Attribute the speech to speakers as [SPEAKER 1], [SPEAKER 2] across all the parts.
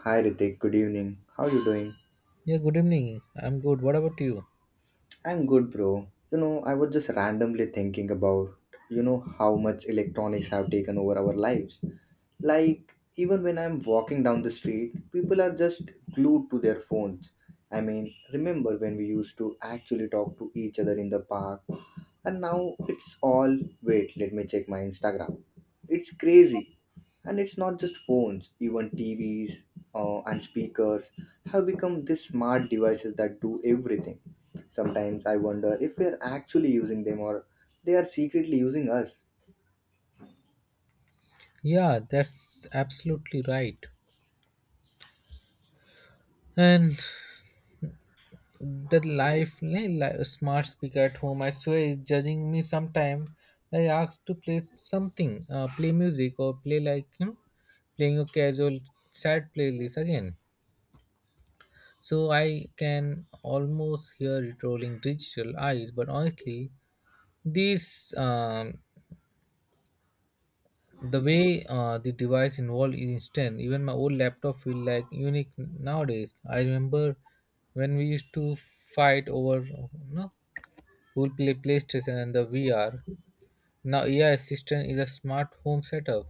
[SPEAKER 1] Hi Ritik, good evening. How you doing?
[SPEAKER 2] Yeah, good evening. I'm good. What about you?
[SPEAKER 1] I'm good, bro. I was just randomly thinking about, how much electronics have taken over our lives. Like, even when I'm walking down the street, people are just glued to their phones. I mean, remember when we used to actually talk to each other in the park? And now it's all, wait, let me check my Instagram. It's crazy. And it's not just phones, even TVs and speakers have become these smart devices that do everything. Sometimes I wonder if we are actually using them or they are secretly using us.
[SPEAKER 2] Yeah, that's absolutely right. And the life, smart speaker at home, I swear, is judging me sometime. I asked to play something, play music or play like, you know, playing a casual sad playlist again. So I can almost hear it rolling digital eyes. But honestly, these um, the way the device involved is instant. Even my old laptop feel like unique nowadays. I remember when we used to fight over, no, who will play PlayStation and the VR. Now AI assistant is a smart home setup.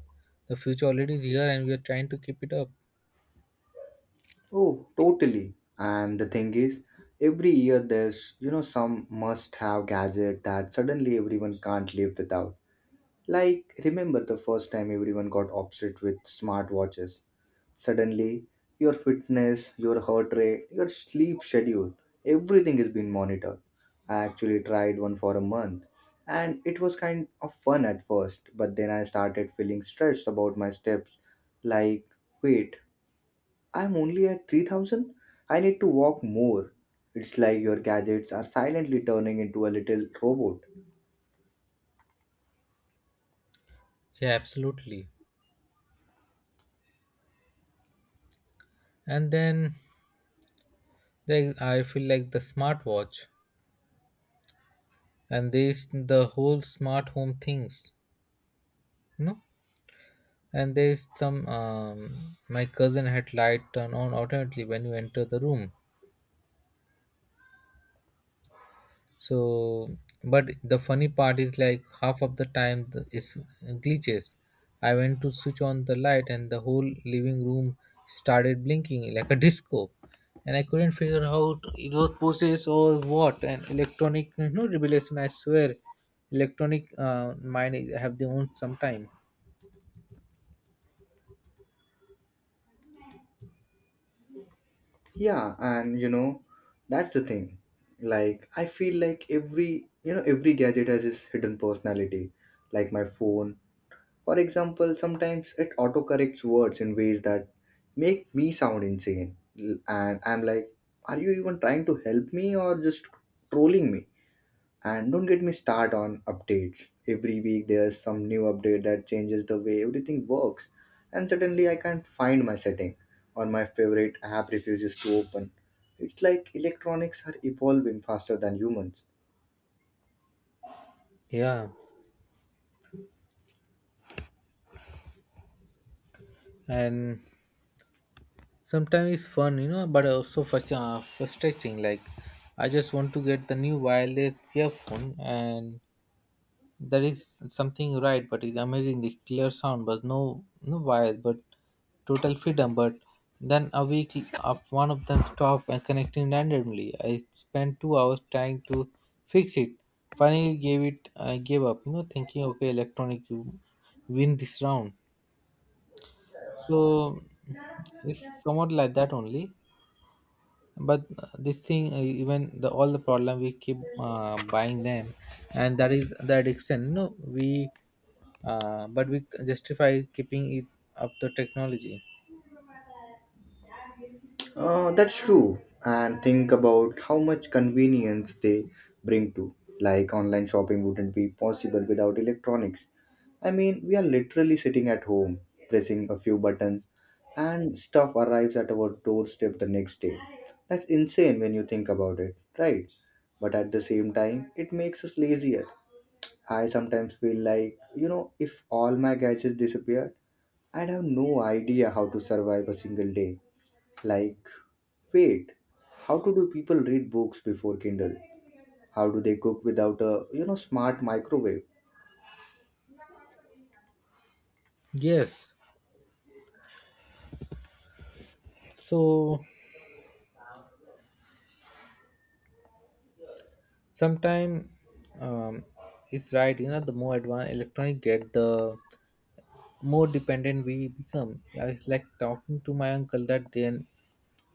[SPEAKER 2] The future already is here, and we are trying to keep it up.
[SPEAKER 1] Oh, totally. And the thing is, every year there's some must have gadget that suddenly everyone can't live without. Like, remember the first time everyone got obsessed with smartwatches? Suddenly, your fitness, your heart rate, your sleep schedule, everything is being monitored. I actually tried one for a month and it was kind of fun at first, but then I started feeling stressed about my steps. Like, wait, I'm only at 3000? I need to walk more. It's like your gadgets are silently turning into a little robot.
[SPEAKER 2] Yeah, absolutely. And then there, I feel like the smartwatch and this the whole smart home things. No. And there is some my cousin had light turned on automatically when you enter the room. So but the funny part is like half of the time it's glitches. I went to switch on the light, and the whole living room started blinking like a disco, and I couldn't figure out it was process or what. And electronic, no revelation, I swear. Electronic mind have their own sometime.
[SPEAKER 1] Yeah, and that's the thing. Like, I feel like every, every gadget has its hidden personality. Like my phone, for example, sometimes it autocorrects words in ways that make me sound insane. And I'm like, are you even trying to help me or just trolling me? And don't get me start on updates. Every week there's some new update that changes the way everything works. And suddenly I can't find my setting or my favorite app refuses to open. It's like electronics are evolving faster than humans.
[SPEAKER 2] Yeah, and sometimes it's fun, you know, but also frustrating. Like, I just want to get the new wireless earphone, and there is something right, but it's amazing, the clear sound, but no wires, but total freedom. But then a week up, one of them stopped and connecting randomly. I spent 2 hours trying to fix it. Finally gave it, I gave up, you know, thinking okay, electronic, you win this round. So it's somewhat like that only. But this thing, even the all the problem, we keep buying them. And that is the addiction, no, we but we justify keeping it up, the technology.
[SPEAKER 1] That's true. And think about how much convenience they bring to. Like, online shopping wouldn't be possible without electronics. I mean, we are literally sitting at home, pressing a few buttons, and stuff arrives at our doorstep the next day. That's insane when you think about it, right? But at the same time, it makes us lazier. I sometimes feel like, if all my gadgets disappeared, I'd have no idea how to survive a single day. Like, wait, how do people read books before Kindle? How do they cook without a, smart microwave?
[SPEAKER 2] Yes, so sometime, um, it's right, you know, the more advanced electronic get, the more dependent we become. I was like talking to my uncle that day, and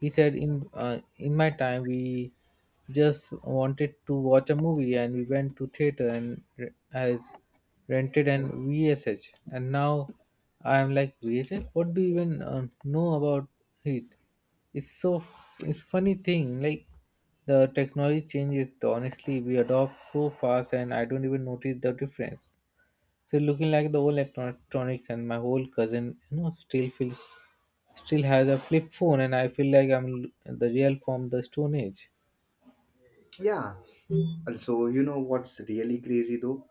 [SPEAKER 2] he said, in my time, we just wanted to watch a movie, and we went to theater and has rented an VSH, and now I am like VSH. What do you even know about it? It's it's funny thing like." The technology changes, honestly, we adopt so fast, and I don't even notice the difference. So looking like the old electronics and my whole cousin, you know, still feels still have the flip phone, and I feel like the real from the stone age.
[SPEAKER 1] Yeah. Also, you know what's really crazy though?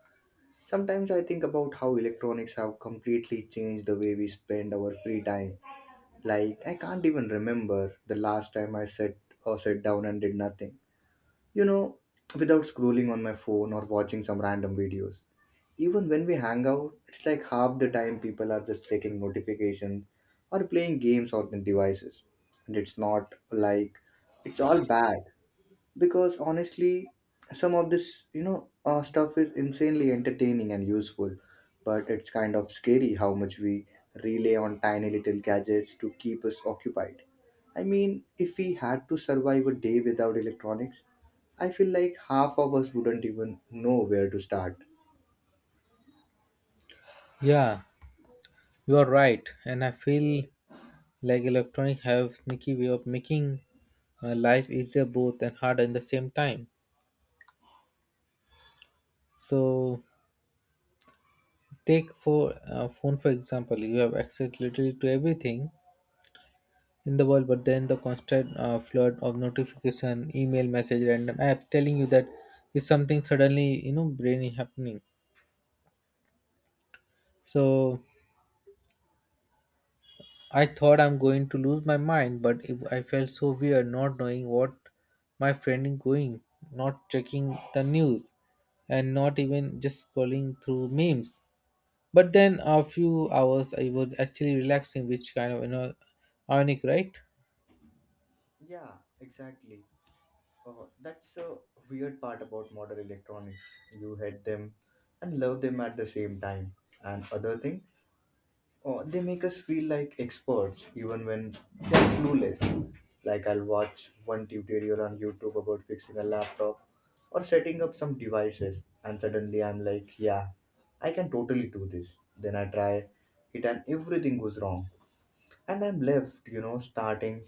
[SPEAKER 1] Sometimes I think about how electronics have completely changed the way we spend our free time. Like, I can't even remember the last time I sat or sat down and did nothing. You know, without scrolling on my phone or watching some random videos. Even when we hang out, it's like half the time people are just checking notifications or playing games on their devices. And it's not like it's all bad because honestly, some of this, stuff is insanely entertaining and useful, but it's kind of scary how much we rely on tiny little gadgets to keep us occupied. I mean, if we had to survive a day without electronics, I feel like half of us wouldn't even know where to start.
[SPEAKER 2] Yeah, you are right. And I feel like electronic have sneaky way of making life easier, both and harder in the same time. So take for phone for example, you have access literally to everything in the world. But then the constant flood of notification, email message, random app telling you that is something suddenly, you know, brainy happening. So I thought I'm going to lose my mind, but it, I felt so weird not knowing what my friend is going, not checking the news, and not even just scrolling through memes. But then a few hours I was actually relaxing, which kind of, you know, ironic, right?
[SPEAKER 1] Yeah, exactly. That's a weird part about modern electronics. You hate them and love them at the same time. And other thing, they make us feel like experts even when they're clueless. Like, I'll watch one tutorial on YouTube about fixing a laptop or setting up some devices, and suddenly I'm like, yeah, I can totally do this. Then I try it and everything goes wrong. And I'm left, starting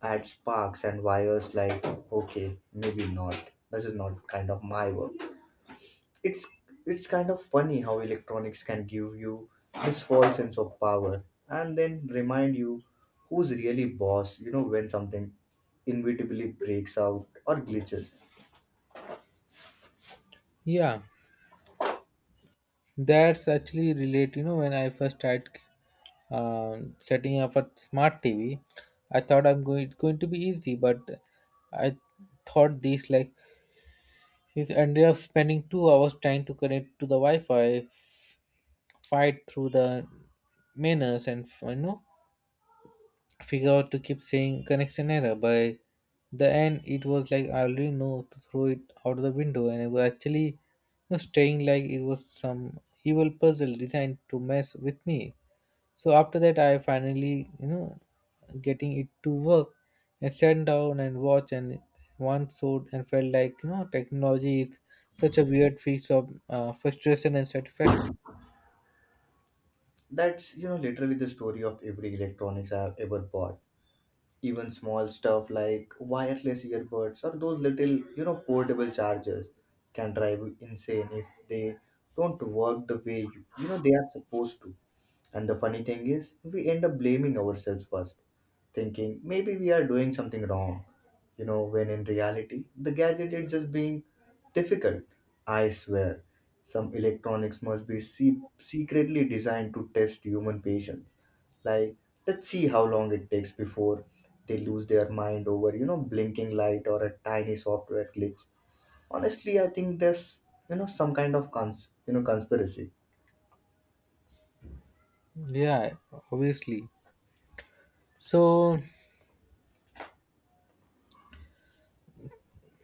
[SPEAKER 1] add sparks and wires like, okay, maybe not, this is not kind of my work. it's it's kind of funny how electronics can give you this false sense of power and then remind you who's really boss, when something inevitably breaks out or glitches.
[SPEAKER 2] Yeah, that's actually relate. You know, when I first tried, setting up a smart TV, I thought I'm going to be easy, but I thought this like he ended up spending 2 hours trying to connect to the Wi-Fi, fight through the manners, and you know, figure out to keep saying connection error. By the end, it was like I already know to throw it out of the window, and it was actually, you know, staying like it was some evil puzzle designed to mess with me. So after that, I finally, you know, getting it to work, I sat down and watched and one showed and felt like, you know, technology is such a weird mix of frustration and satisfaction.
[SPEAKER 1] That's literally the story of every electronics I have ever bought. Even small stuff like wireless earbuds or those little portable chargers can drive you insane if they don't work the way you, you know they are supposed to. And the funny thing is we end up blaming ourselves first, thinking maybe we are doing something wrong, when in reality the gadget is just being difficult. I swear some electronics must be secretly designed to test human patience. Like, let's see how long it takes before they lose their mind over, blinking light or a tiny software glitch. Honestly, I think there's, some kind of conspiracy.
[SPEAKER 2] Yeah, obviously. So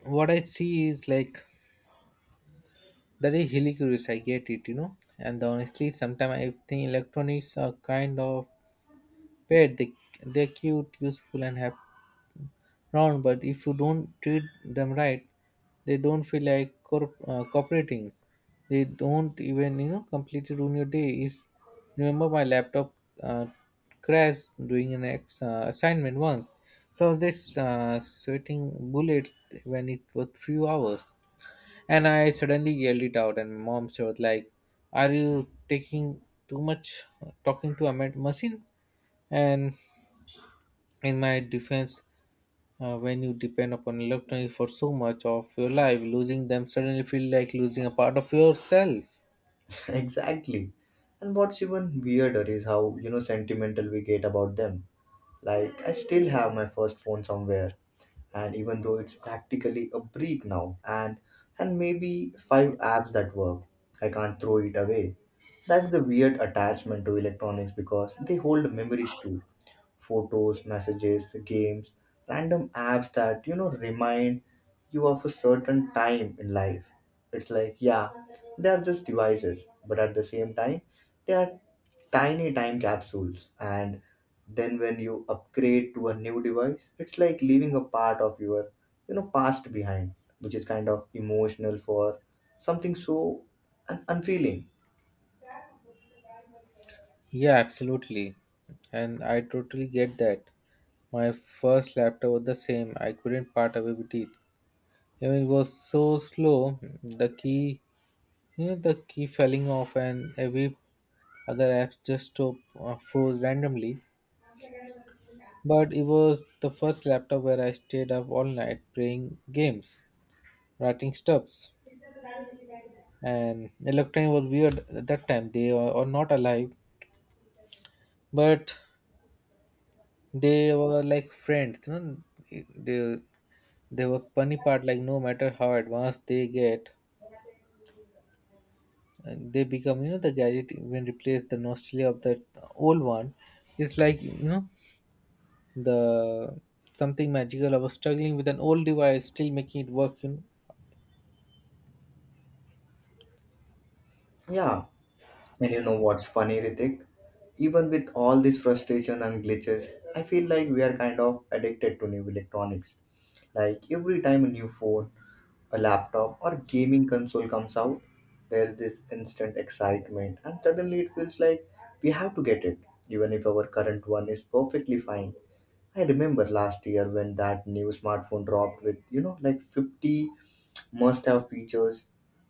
[SPEAKER 2] what I see is like that is really curious. I get it, you know. And honestly, sometimes I think electronics are kind of pet. They're cute, useful, and happy round. But if you don't treat them right, they don't feel like cooperating. They don't even, you know, completely ruin your day. Is remember my laptop uh, crashed doing an assignment once. So I was just sweating bullets when it was few hours, and I suddenly yelled it out, and mom said like, "Are you taking too much talking to a machine?" And in my defense, when you depend upon electronics for so much of your life, losing them suddenly feel like losing a part of yourself.
[SPEAKER 1] Exactly. And what's even weirder is how, sentimental we get about them. Like, I still have my first phone somewhere and even though it's practically a break now and maybe five apps that work, I can't throw it away. That's the weird attachment to electronics because they hold memories too. Photos, messages, games, random apps that remind you of a certain time in life. It's like, yeah, they are just devices, but at the same time, they are tiny time capsules. And then when you upgrade to a new device, it's like leaving a part of your, past behind, which is kind of emotional for something so unfeeling.
[SPEAKER 2] Yeah, absolutely. And I totally get that. My first laptop was the same. I couldn't part away with it. Even it was so slow, the key, you know, the key falling off, and every other app just stop, froze randomly. But it was the first laptop where I stayed up all night playing games, writing stuffs, and electronic was weird at that time. Were not alive, but they were like friends, you know. They they were funny part. Like, no matter how advanced they get and they become, you know, the gadget even replace the nostalgia of that old one. It's like, you know, the something magical. I was struggling with an old device, still making it work, you know.
[SPEAKER 1] Yeah. And you know what's funny, Ritik? Even with all this frustration and glitches, I feel like we are kind of addicted to new electronics. Like every time a new phone, a laptop, or gaming console comes out, there's this instant excitement, and suddenly it feels like we have to get it, even if our current one is perfectly fine. I remember last year when that new smartphone dropped with, like 50 must-have features,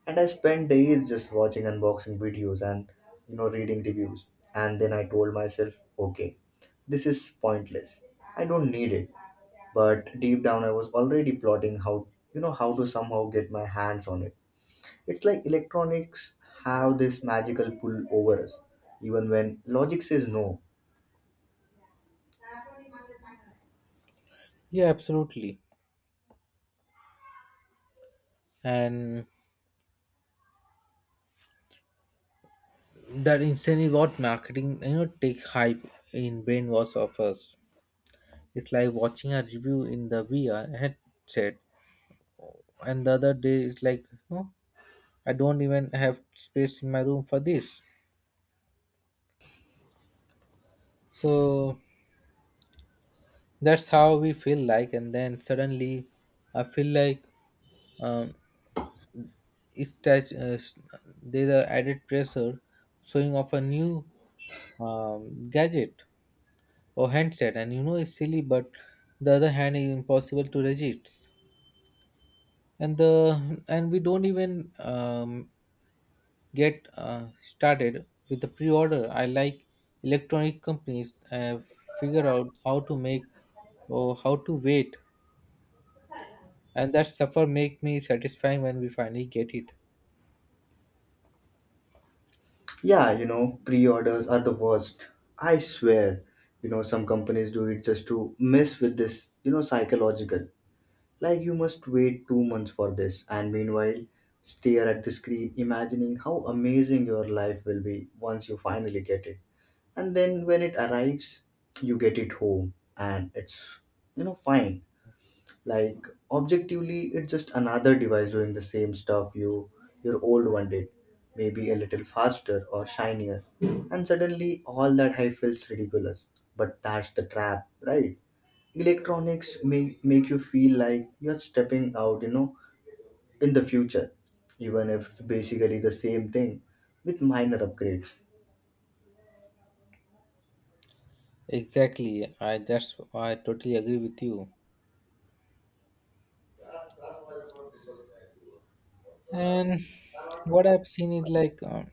[SPEAKER 1] and I spent days just watching unboxing videos and reading reviews. And then I told myself, okay, this is pointless. I don't need it. But deep down, I was already plotting how how to somehow get my hands on it. It's like electronics have this magical pull over us, even when logic says no.
[SPEAKER 2] Yeah, absolutely. And that instantly got marketing, you know, take hype in brainwash of us. It's like watching a review in the VR headset, and the other day it's like, no, I don't even have space in my room for this. So that's how we feel like. And then suddenly I feel like, um, it's touch, there's a added pressure showing off a new gadget or handset, and you know it's silly, but the other hand is impossible to resist. And the and we don't even get started with the pre-order. I like electronic companies figure out how to make or how to wait, and that suffer make me satisfying when we finally get it.
[SPEAKER 1] Yeah, pre-orders are the worst. I swear, some companies do it just to mess with this, psychological. Like, you must wait 2 months for this, and meanwhile, stare at the screen, imagining how amazing your life will be once you finally get it. And then when it arrives, you get it home, and it's fine. Like, objectively, it's just another device doing the same stuff your old one did, maybe a little faster or shinier. And suddenly, all that high feels ridiculous. But that's the trap, right? Electronics may make you feel like you're stepping out, in the future, even if it's basically the same thing with minor upgrades.
[SPEAKER 2] Exactly, I totally agree with you. And what I've seen is like,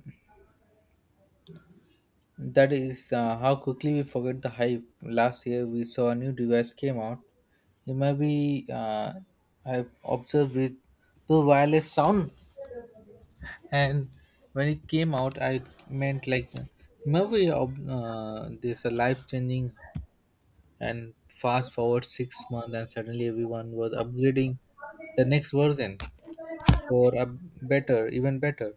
[SPEAKER 2] that is how quickly we forget the hype. Last year we saw a new device came out. It might be I've observed with the wireless sound, and when it came out, I meant like movie of this life changing. And fast forward 6 months, and suddenly everyone was upgrading the next version for a better, even better.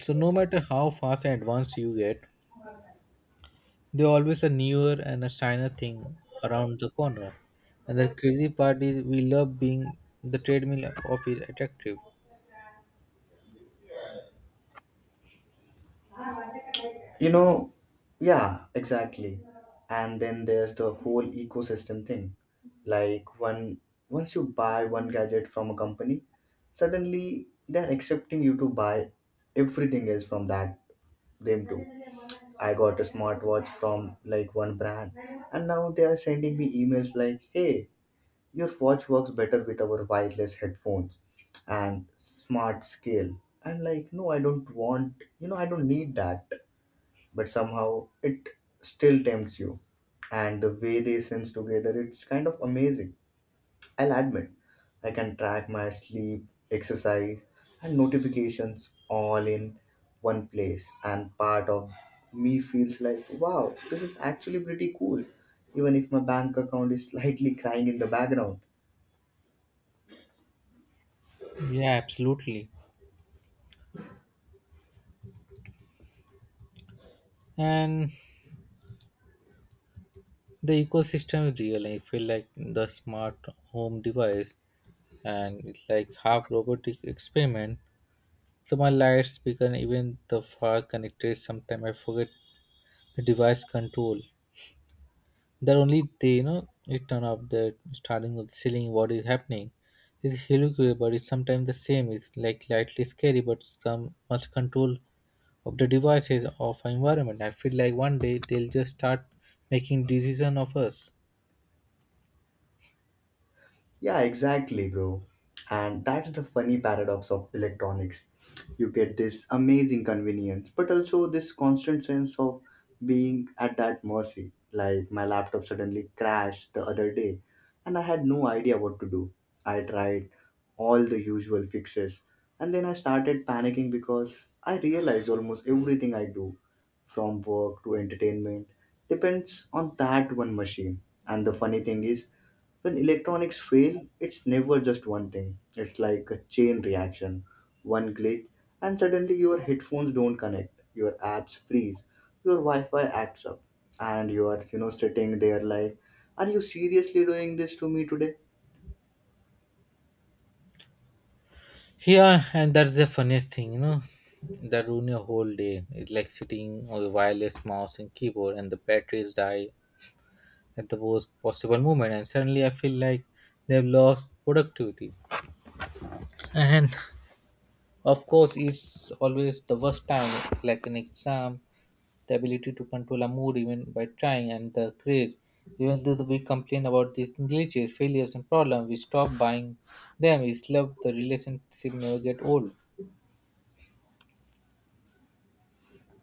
[SPEAKER 2] So no matter how fast and advanced you get, there always a newer and a shiner thing around the corner. And the crazy part is we love being the treadmill of it attractive.
[SPEAKER 1] You know, yeah, exactly. And then there's the whole ecosystem thing. Like, one once you buy one gadget from a company, suddenly they're accepting you to buy everything else from that them too. I got a smartwatch from like one brand, and now they are sending me emails like, "Hey, your watch works better with our wireless headphones and smart scale." I'm like, "No, I don't want. You know, I don't need that." But somehow it still tempts you. And the way they sense together, it's kind of amazing. I'll admit, I can track my sleep, exercise, and notifications all in one place, and part of me feels like, wow, this is actually pretty cool, even if my bank account is slightly crying in the background.
[SPEAKER 2] Yeah, absolutely. And the ecosystem is real. I feel like the smart home device, and it's like half robotic experiment. So my lights speaker, even the far connected, sometimes I forget the device control that only they, you know, it turn up the starting of the ceiling. What is happening? It's hilarious. But it's sometimes the same. It's like slightly scary, but some much control of the devices of our environment. I feel like one day they'll just start making decision of us.
[SPEAKER 1] Yeah, exactly, bro. And that's the funny paradox of electronics. You get this amazing convenience, but also this constant sense of being at that mercy. Like my laptop suddenly crashed the other day, and I had no idea what to do. I tried all the usual fixes, and then I started panicking because I realized almost everything I do, from work to entertainment, depends on that one machine. And the funny thing is, when electronics fail, it's never just one thing. It's like a chain reaction. One glitch, and suddenly your headphones don't connect, your apps freeze, your Wi-Fi acts up, and you are, sitting there like, are you seriously doing this to me today?
[SPEAKER 2] Yeah, and that's the funniest thing, you know, that ruin your whole day. It's like sitting on a wireless mouse and keyboard, and the batteries die at the worst possible moment, and suddenly I feel like they've lost productivity. And of course, it's always the worst time, like an exam, the ability to control a mood even by trying, and the craze. Even though we complain about these glitches, failures, and problems, we stop buying them. We love the relationship, never get old.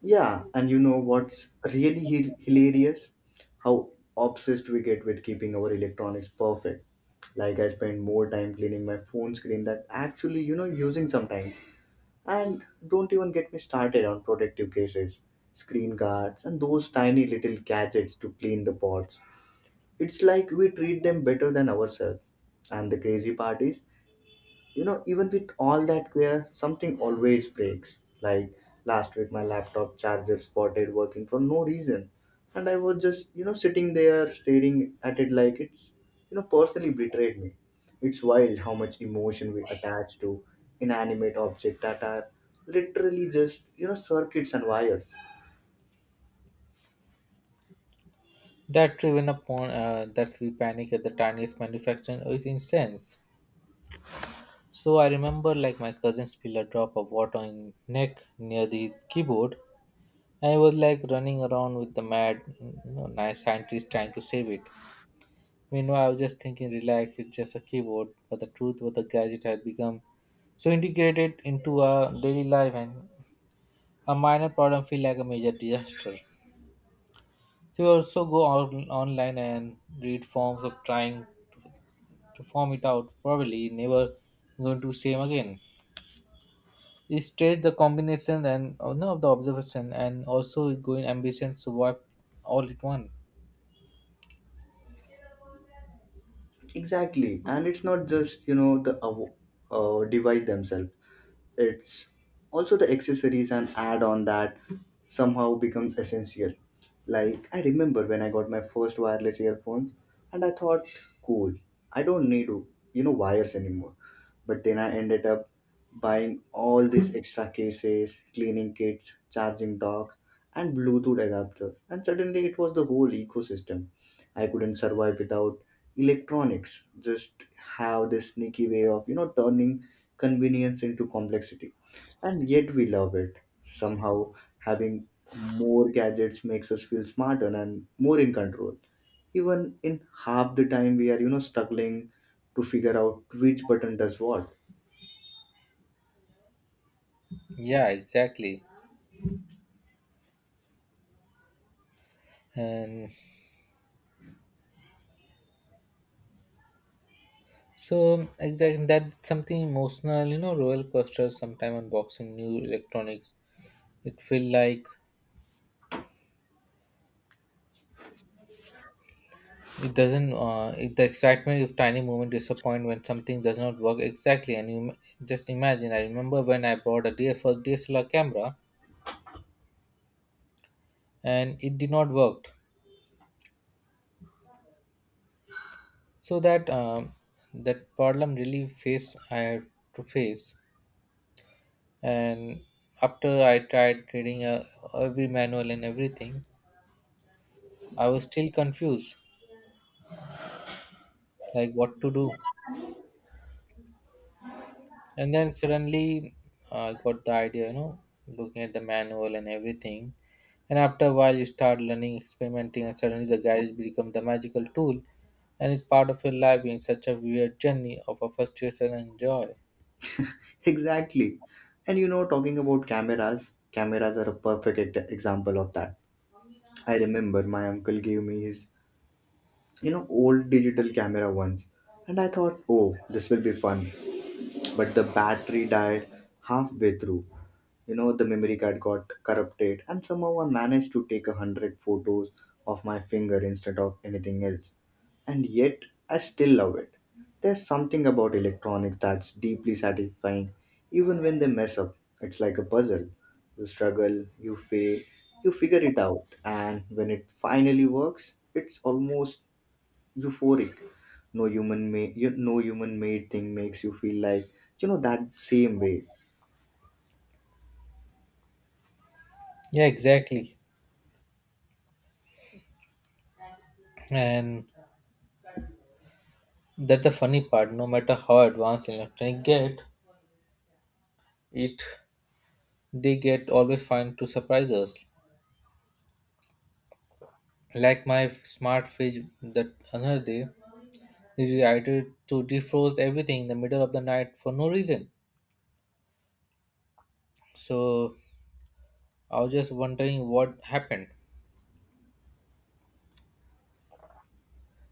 [SPEAKER 1] Yeah, and you know what's really hilarious? How obsessed we get with keeping our electronics perfect. Like, I spend more time cleaning my phone screen than actually, using sometimes. And don't even get me started on protective cases, screen guards, and those tiny little gadgets to clean the pots. It's like we treat them better than ourselves. And the crazy part is, even with all that gear, something always breaks. Like last week my laptop charger spotted working for no reason, and I was just sitting there staring at it like it's personally betrayed me. It's wild how much emotion we attach to inanimate objects that are literally just circuits and wires.
[SPEAKER 2] That driven upon that we panic at the tiniest manufacture is incense. So I remember like my cousin spilled a drop of water in neck near the keyboard, and I was like running around with the mad, you know, nice scientist trying to save it. Meanwhile, I was just thinking relax, it's just a keyboard. But the truth was the gadget had become so integrated into our daily life, and a minor problem feel like a major disaster. So we also go on online and read forms of trying to form it out. Probably never going to same again. It stretch the combination and, no, of the observation, and also it going ambition to work all at one.
[SPEAKER 1] Exactly. And it's not just the device themselves. It's also the accessories and add on that somehow becomes essential. Like, I remember when I got my first wireless earphones and I thought, cool, I don't need, wires anymore. But then I ended up buying all these extra cases, cleaning kits, charging dock, and Bluetooth adapter. And suddenly it was the whole ecosystem. I couldn't survive without electronics. Just have this sneaky way of, turning convenience into complexity. And yet we love it. Somehow having more gadgets makes us feel smarter and more in control, even in half the time we are struggling to figure out which button does what.
[SPEAKER 2] Yeah, exactly. And so exactly that something emotional, you know, roller coaster sometime unboxing new electronics. It feel like it doesn't, it, the excitement of tiny moment disappoint when something does not work exactly. And just imagine, I remember when I bought a DSLR, first DSLR camera, and it did not work. So that, that problem really face I had to face. And after I tried reading every manual and everything, I was still confused like what to do. And then suddenly, I got the idea, you know, looking at the manual and everything. And after a while you start learning experimenting, and suddenly the garage becomes the magical tool, and it's part of your life in such a weird journey of a frustration and joy.
[SPEAKER 1] Exactly. And talking about cameras are a perfect example of that. I remember my uncle gave me his, old digital camera once, and I thought, oh, this will be fun. But the battery died halfway through. You know, the memory card got corrupted, and somehow I managed to take a hundred photos of my finger instead of anything else. And yet, I still love it. There's something about electronics that's deeply satisfying, even when they mess up. It's like a puzzle. You struggle, you fail, you figure it out, and when it finally works, it's almost euphoric. no human made no human made thing makes you feel like that same way.
[SPEAKER 2] Yeah, exactly. And that's the funny part. No matter how advanced electronic get, it they get always find to surprise us. Like my smart fridge that another day, they decided to defrost everything in the middle of the night for no reason. So I was just wondering what happened,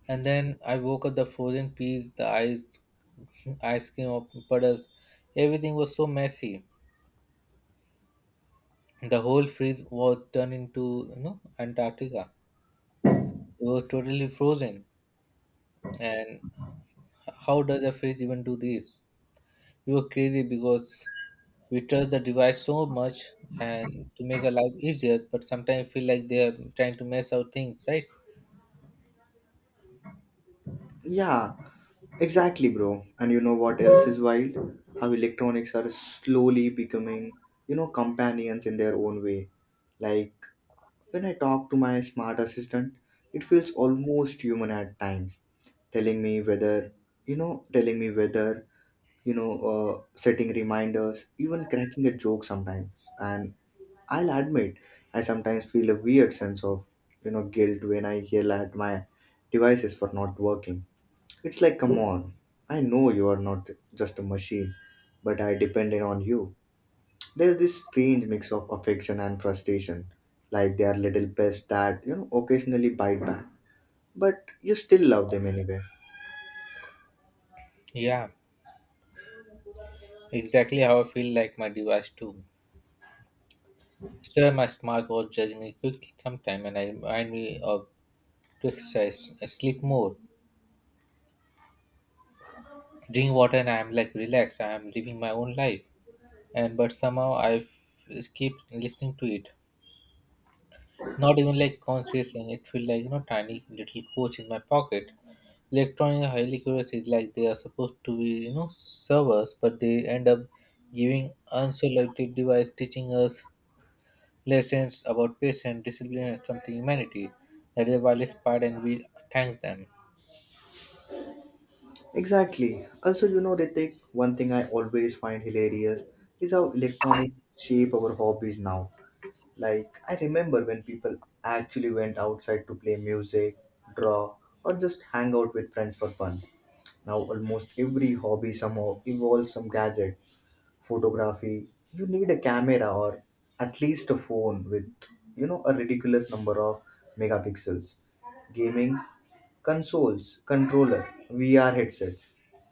[SPEAKER 2] and then I woke up, the frozen peas, ice cream of puddles, everything was so messy. The whole fridge was turned into, you know, Antarctica. It was totally frozen. And how does a fridge even do this? We were crazy because we trust the device so much and to make our life easier, but sometimes feel like they are trying to mess out things, right?
[SPEAKER 1] Yeah, exactly, bro. And you know what else is wild? How electronics are slowly becoming, companions in their own way. Like when I talk to my smart assistant, it feels almost human at times, telling me whether telling me whether, setting reminders, even cracking a joke sometimes. And I'll admit, I sometimes feel a weird sense of, guilt when I yell at my devices for not working. It's like, come on, I know you are not just a machine, but I depended on you. There's this strange mix of affection and frustration, like they are little pests that occasionally bite back, but you still love them anyway.
[SPEAKER 2] Yeah, exactly how I feel like my device too. Still, my smart watch judge me quickly sometime and I remind me of to exercise, sleep more, drink water, and I'm like relaxed. I'm living my own life. And but somehow I keep listening to it. Not even like conscious, and it feel like, you know, tiny little coach in my pocket. Electronic are highly curious. It's like they are supposed to be, you know, servers, but they end up giving unselected device teaching us lessons about patience, discipline, and something humanity. That is the wildest part, and we thanks them.
[SPEAKER 1] Exactly. Also, you know, Ritik, one thing I always find hilarious is how electronic shape our hobbies now. Like, I remember when people actually went outside to play music, draw, or just hang out with friends for fun. Now, almost every hobby somehow involves some gadget. Photography, you need a camera or at least a phone with, a ridiculous number of megapixels. Gaming consoles, controller, VR headset,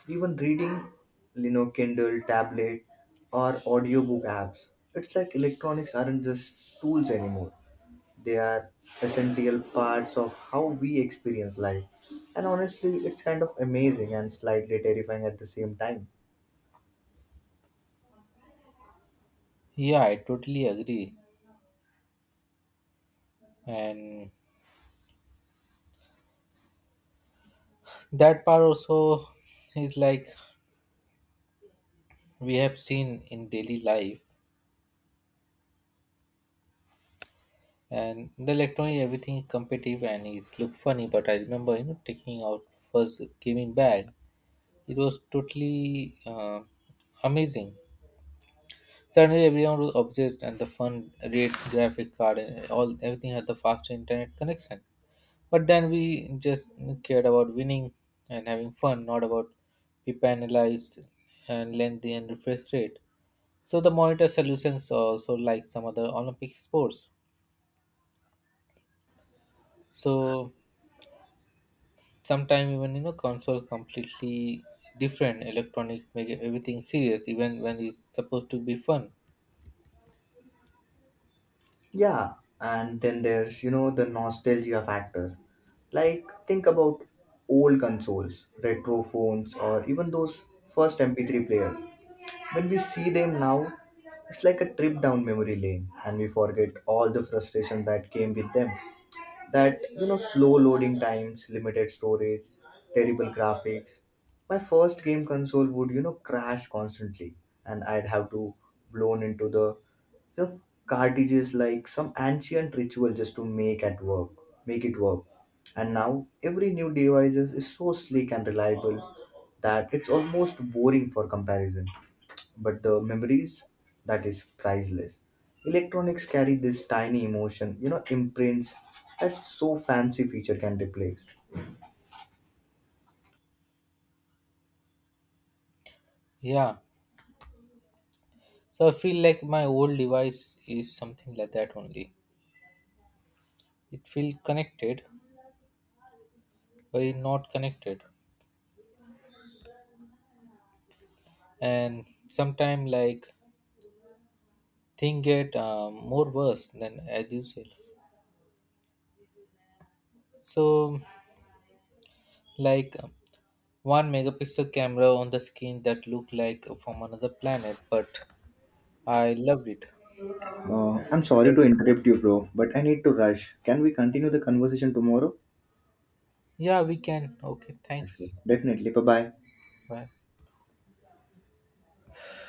[SPEAKER 1] even reading, Kindle, tablet, or audiobook apps. It's like electronics aren't just tools anymore. They are essential parts of how we experience life. And honestly, it's kind of amazing and slightly terrifying at the same time.
[SPEAKER 2] Yeah, I totally agree. And that part also is like we have seen in daily life. And the electronic everything is competitive, and it look funny. But I remember, you know, taking out first gaming bag, it was totally amazing. Suddenly everyone was obsessed, and the fun rate, graphic card, and all everything had the faster internet connection. But then we just cared about winning and having fun, not about be penalized and lengthy and refresh rate. So the monitor solutions are also like some other olympic sports. So sometimes even, you know, console completely different electronic make everything serious even when it's supposed to be fun.
[SPEAKER 1] Yeah, and then there's, the nostalgia factor. Like, think about old consoles, retro phones, or even those first MP3 players. When we see them now, it's like a trip down memory lane, and we forget all the frustration that came with them. That, slow loading times, limited storage, terrible graphics. My first game console would, crash constantly, and I'd have to blown into the, you know, cartridges like some ancient ritual just to make at make it work. And now every new device is so sleek and reliable that it's almost boring for comparison. But the memories, that is priceless. Electronics carry this tiny emotion, imprints that so fancy feature can replace.
[SPEAKER 2] Yeah. So I feel like my old device is something like that only. It feel connected, but it not connected. And sometimes like thing get more worse than as you said. So like, one megapixel camera on the screen that looked like from another planet, but I loved it.
[SPEAKER 1] I'm sorry to interrupt you, bro, but I need to rush. Can we continue the conversation tomorrow?
[SPEAKER 2] Yeah, we can. Okay,
[SPEAKER 1] Sure.
[SPEAKER 2] thanks.
[SPEAKER 1] Definitely. Bye bye.
[SPEAKER 2] Bye.